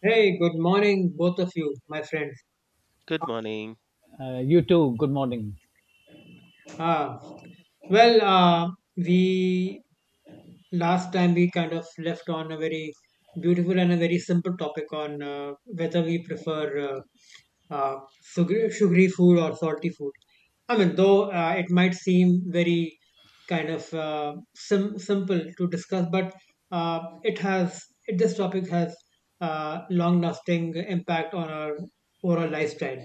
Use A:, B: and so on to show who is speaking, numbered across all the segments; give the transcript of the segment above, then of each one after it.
A: Hey, good morning, both of you, my friends.
B: Good morning.
C: You too. Good morning.
A: Ah, well, uh, we last time we kind of left on a very beautiful and a very simple topic on whether we prefer uh, uh, sugary food or salty food. I mean, though it might seem very kind of simple to discuss, but uh, it has this topic has long-lasting impact on our overall lifestyle.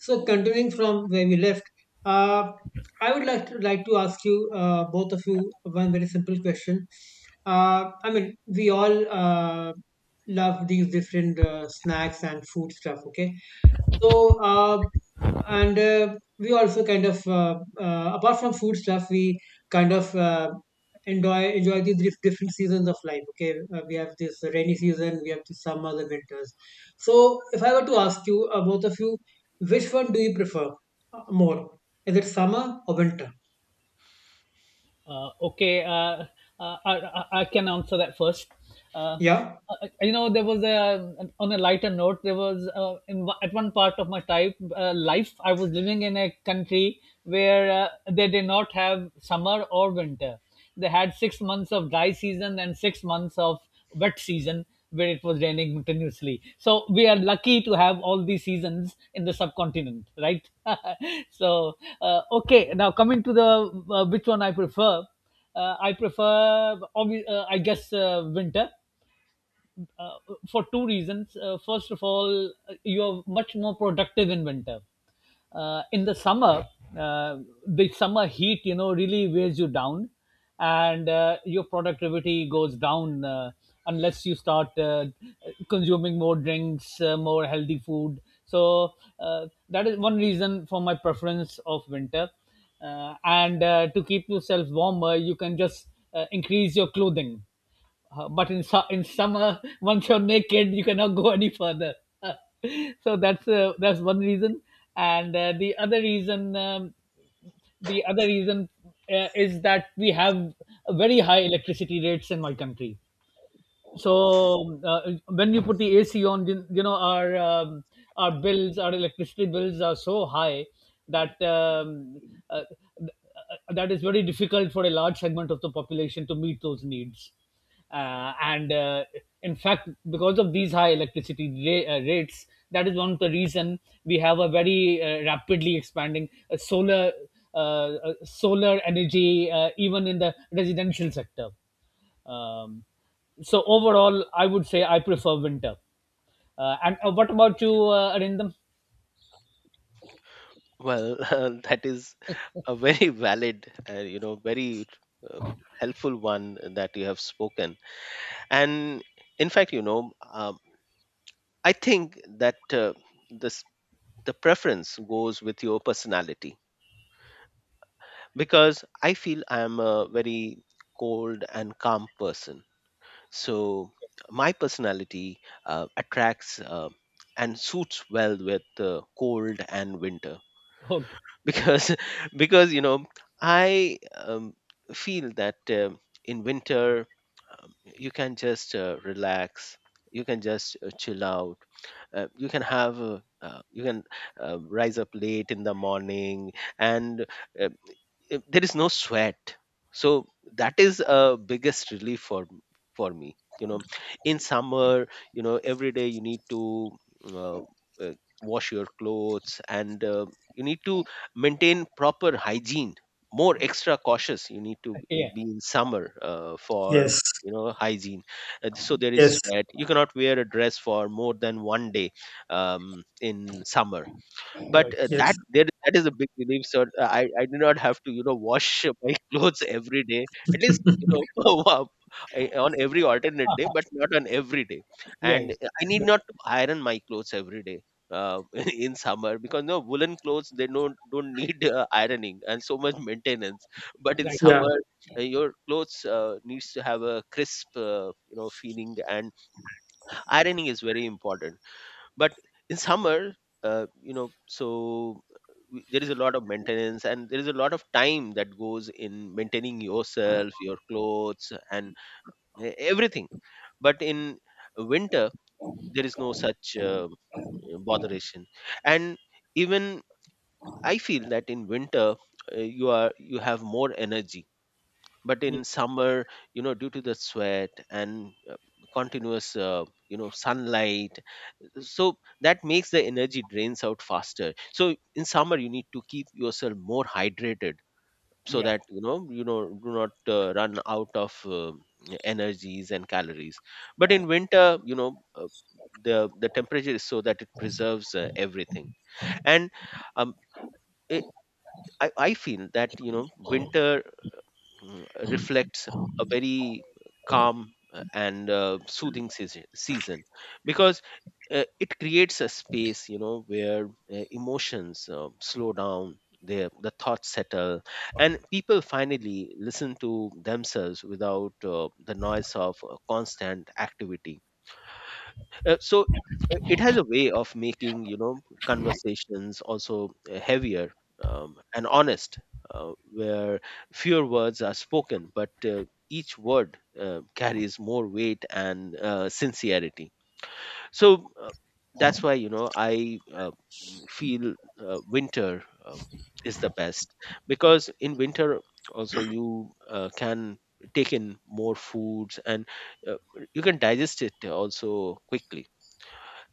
A: So, continuing from where we left, uh, I would like to ask you both of you one very simple question. I mean, we all love these different snacks and food stuff. Okay, so, and we also kind of, apart from food stuff, we kind of enjoy the different seasons of life. Okay, we have this rainy season, we have the summer, the winters. So, if I were to ask you, both of you, which one do you prefer more? Is it summer or winter?
C: Uh, okay, uh, uh, I, I can answer that first. Uh,
A: Yeah.
C: you know, there was a on a lighter note. There was in one- at one part of my type life. I was living in a country where they did not have summer or winter. They had six months of dry season and six months of wet season, where it was raining continuously. So we are lucky to have all these seasons in the subcontinent, right? so okay, now coming to the which one I prefer. I guess winter, uh, for two reasons. First of all, you are much more productive in winter. In uh, the summer heat, you know, really wears you down, and your productivity goes down, unless you start consuming more drinks, more healthy food. So that is one reason for my preference of winter. And To keep yourself warmer, you can just increase your clothing, but in summer, once you're naked, you cannot go any further. That's that's one reason, and the other reason, the other reason is that we have very high electricity rates in my country. When you put the AC on, you know, our bills, our electricity bills are so high that uh, th- that is very difficult for a large segment of the population to meet those needs. And In fact, because of these high electricity rates, that is one of the reason we have a very rapidly expanding solar energy, even in the residential sector. Um, so overall, I would say I prefer winter. And What about you, Arindam?
B: Well, that is a very valid, very uh, helpful one that you have spoken. And in fact, I think that this the preference goes with your personality, because I feel I am a very cold and calm person. So my personality attracts and suits well with cold and winter.
C: Okay.
B: because because you know I feel that in winter, you can just relax, you can just chill out, you can have you can rise up late in the morning, and uh, if there is no sweat. So that is a biggest relief for me. You know, in summer, you know every day you need to uh, uh, wash your clothes, and you need to maintain proper hygiene. More extra cautious you need to
C: Yeah.
B: be in summer, for
A: Yes,
B: you know hygiene. So there is
A: yes,
B: sweat, you cannot wear a dress for more than one day um, in summer. But
C: Right.
A: yes.
B: that is a big relief, sir. I do not have to, you know, wash my clothes every day, at least you know, wow, I- on every alternate day but not on every day.
C: Yeah. Yeah.
B: And I need not to iron my clothes every day, uh, in summer, because no woolen clothes, they don't need ironing and so much maintenance. But in
C: Right.
A: Yeah.
B: summer, your clothes needs to have a crisp, feeling, and ironing is very important. But in summer, uh, you know so there is a lot of maintenance, and there is a lot of time that goes in maintaining yourself, your clothes, and everything. But in winter, there is no such botheration. And even I feel that in winter, you have more energy. But
C: Yeah.
B: in summer, you know, due to the sweat and continuous, sunlight, so that makes the energy drains out faster. So in summer you need to keep yourself more hydrated, so
C: Yeah.
B: that you know, do not run out of energies and calories. But in winter, the temperature is so that it preserves everything. And um, it, I feel that, you know, winter reflects a very calm and soothing season, because it creates a space, you know, where emotions slow down, the thoughts settle, and people finally listen to themselves without the noise of constant activity. uh, so it has a way of making, you know, conversations also heavier, and honest, where fewer words are spoken, but each word carries more weight and sincerity. So that's why, you know, I feel winter is the best, because in winter also you can take in more foods, and uh, you can digest it also quickly,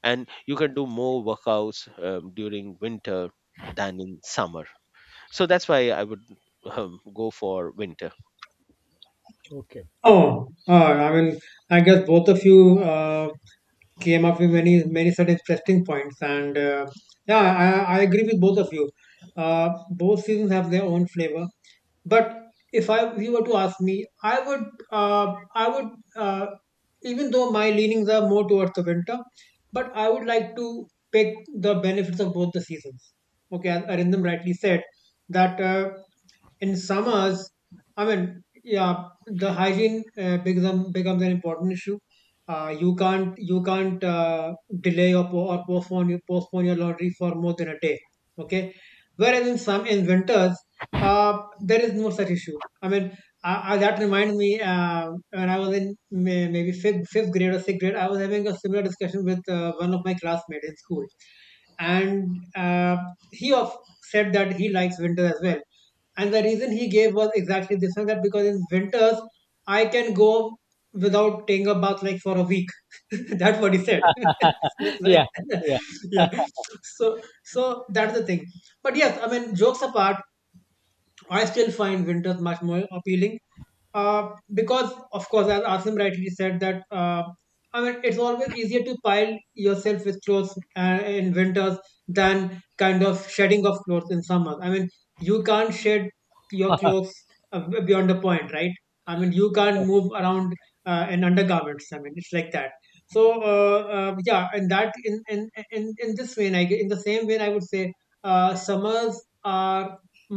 B: and you can do more workouts during winter than in summer. So that's why I would go for winter.
C: Okay.
A: Oh, I mean, I guess both of you. Came up with many many such interesting points, and yeah, I agree with both of you. Uh, both seasons have their own flavor, but if you were to ask me, i would uh, I would uh, even though my leanings are more towards the winter, but I would like to pick the benefits of both the seasons. Okay, as Arindam rightly said that in summers, I mean, yeah, the hygiene becomes an important issue. You can't delay or, postpone your laundry for more than a day. Okay, whereas in winters, there is no such issue. I mean, that reminds me when I was in may, maybe fifth grade or sixth grade, I was having a similar discussion with one of my classmates in school, and he of said that he likes winter as well, and the reason he gave was exactly this one, that because in winters I can go without taking a bath like for a week. That's what he said. That's right.
C: Yeah. Yeah.
A: Yeah. So so that's the thing. But yes, I mean jokes apart, I still find winters much more appealing, because of course as Asim rightly said that I mean it's always easier to pile yourself with clothes in winters than kind of shedding of clothes in summer. I mean, you can't shed your clothes beyond a point, right? I mean you can't move around in undergarments, I mean it's like that. So yeah, and that in this vein, in the same vein I would say summers are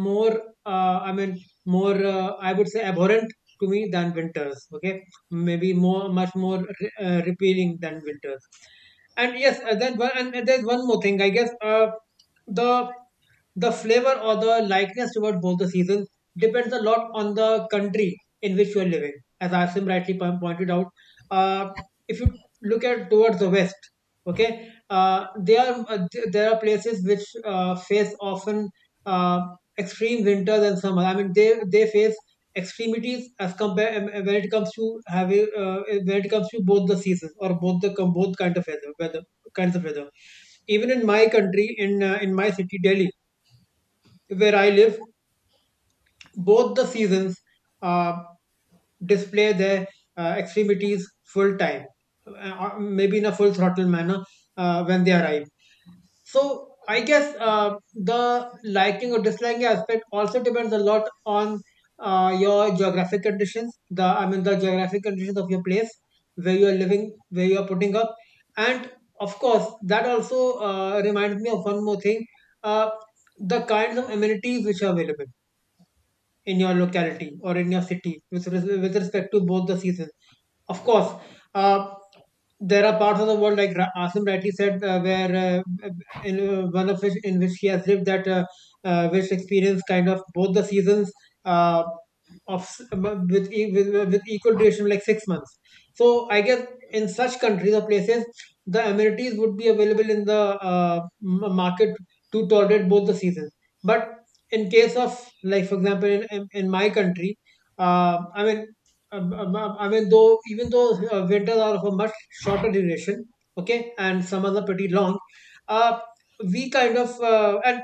A: more I mean more, I would say abhorrent to me than winters. Okay, maybe more, much more repealing than winters. And yes, then one, and there's one more thing. I guess the the flavor or the likeness towards both the seasons depends a lot on the country in which you are living. As Asim rightly pointed out, uh, if you look at towards the west, okay, there are there are places which face often uh, extreme winters and summer. I mean, they face extremities as compare, when it comes to having when it comes to both the seasons or both kind of weather, weather kinds of weather. Even in my country, in my city Delhi, where I live, both the seasons uh, display their extremities full time, maybe in a full throttle manner when they arrive. So I guess the liking or disliking aspect also depends a lot on your geographic conditions. The, I mean, the geographic conditions of your place where you are living, where you are putting up, and of course that also reminds me of one more thing: uh, the kinds of amenities which are available in your locality or in your city with, with respect to both the seasons. Of course, uh, there are parts of the world, like Asim rightly said, one of which in which he has lived, that which experience kind of both the seasons uh, with, with equal duration, like 6 months. So I guess in such countries or places, the amenities would be available in the market to tolerate both the seasons. But in case of, like for example in, in my country, I mean, I mean though, even though winters are of a much shorter duration, okay, and summers are pretty long, uh, we kind of and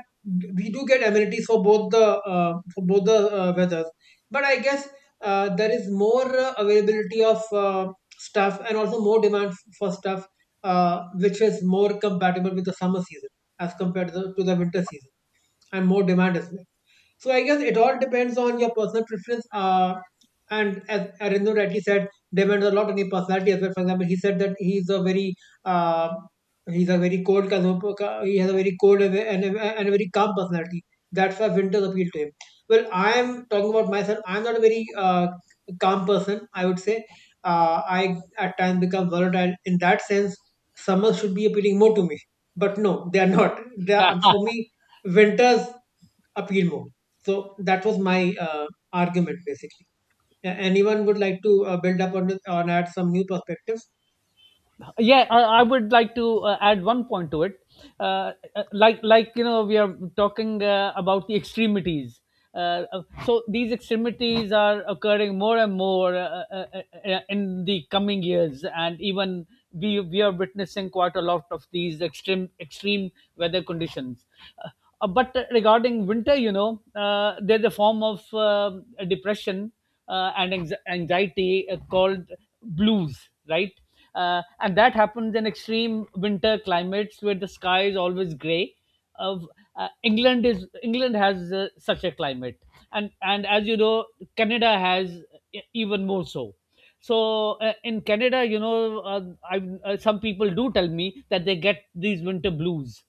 A: we do get amenities for both the weathers, but I guess there is more availability of stuff, and also more demand for stuff uh, which is more compatible with the summer season as compared to to the winter season, and more demand as well. So I guess it all depends on your personal preference. And as Arindo rightly said, depends a lot on your personality as well. For example, he said that uh, he's a very cold consumer. He has a very cold and a very calm personality. That's why winters appeal to him. Well, I am talking about myself. I'm not a very calm person, I would say. Uh, I at times become volatile. In that sense, summers should be appealing more to me. But no, they are not. They are, for me, winters appeal more. So that was my argument basically. Anyone would like to build up on it or add some new perspectives?
C: Yeah, I would like to add one point to it. Like you know, we are talking about the extremities, so these extremities are occurring more and more, in the coming years, and even we are witnessing quite a lot of these extreme weather conditions. uh, but regarding winter, you know, there's a form of depression and anxiety called blues, right? And that happens in extreme winter climates where the sky is always grey. Of England is England has such a climate, and as you know, Canada has even more so. so in Canada, you know, I some people do tell me that they get these winter blues,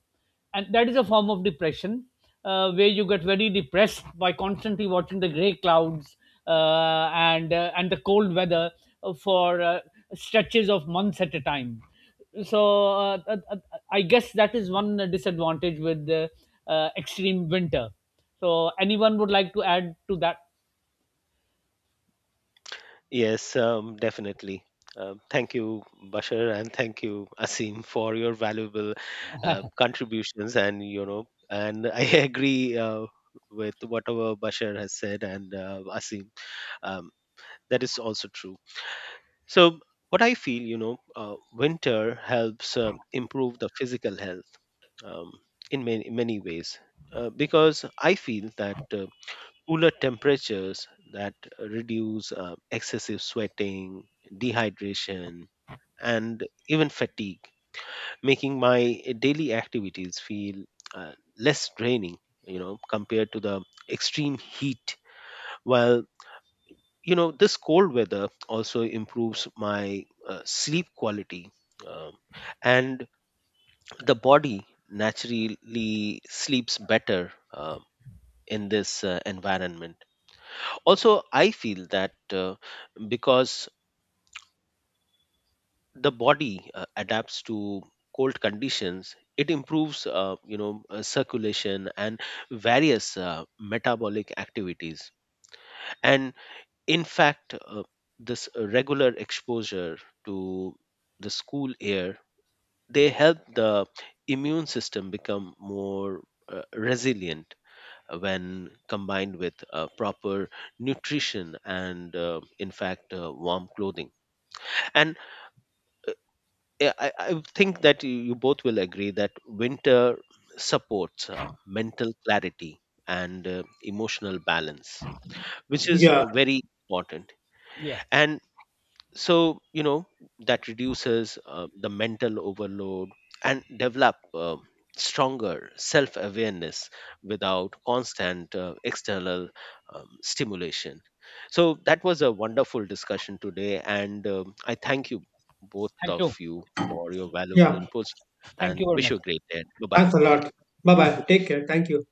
C: and that is a form of depression, where you get very depressed by constantly watching the gray clouds, and the cold weather, for stretches of months at a time. so uh, uh, uh, I guess that is one disadvantage with extreme winter. So anyone would like to add to that?
B: Yes, definitely. Thank you, Bashar, and thank you, Asim, for your valuable contributions. And you know, and I agree with whatever Bashar has said, and Asim, um, that is also true. So, what I feel, you know, winter helps improve the physical health, um, in many many ways, because I feel that cooler temperatures that reduce excessive sweating, dehydration, and even fatigue, making my daily activities feel uh, less draining, you know, compared to the extreme heat. While, you know, this cold weather also improves my sleep quality, um, and the body naturally sleeps better in this environment. Also I feel that, because the body adapts to cold conditions, it improves, circulation and various metabolic activities. And in fact, this regular exposure to the school air, they help the immune system become more resilient, when combined with proper nutrition and, in fact warm clothing. And I think that you both will agree that winter supports mental clarity and emotional balance, which is
A: Yeah,
B: very important.
C: Yeah,
B: And so, you know, that reduces the mental overload, and develop stronger self-awareness without constant external stimulation. So that was a wonderful discussion today, and I thank you both
C: thank
B: of
C: you.
B: you for your valuable
A: yeah.
B: inputs,
C: Thank
B: and
C: you very
B: wish
C: much.
B: you a great day. Bye bye,
A: Thanks a
B: thank
A: lot.
B: you.
A: Bye
C: You too.
A: bye. Take care. Thank you.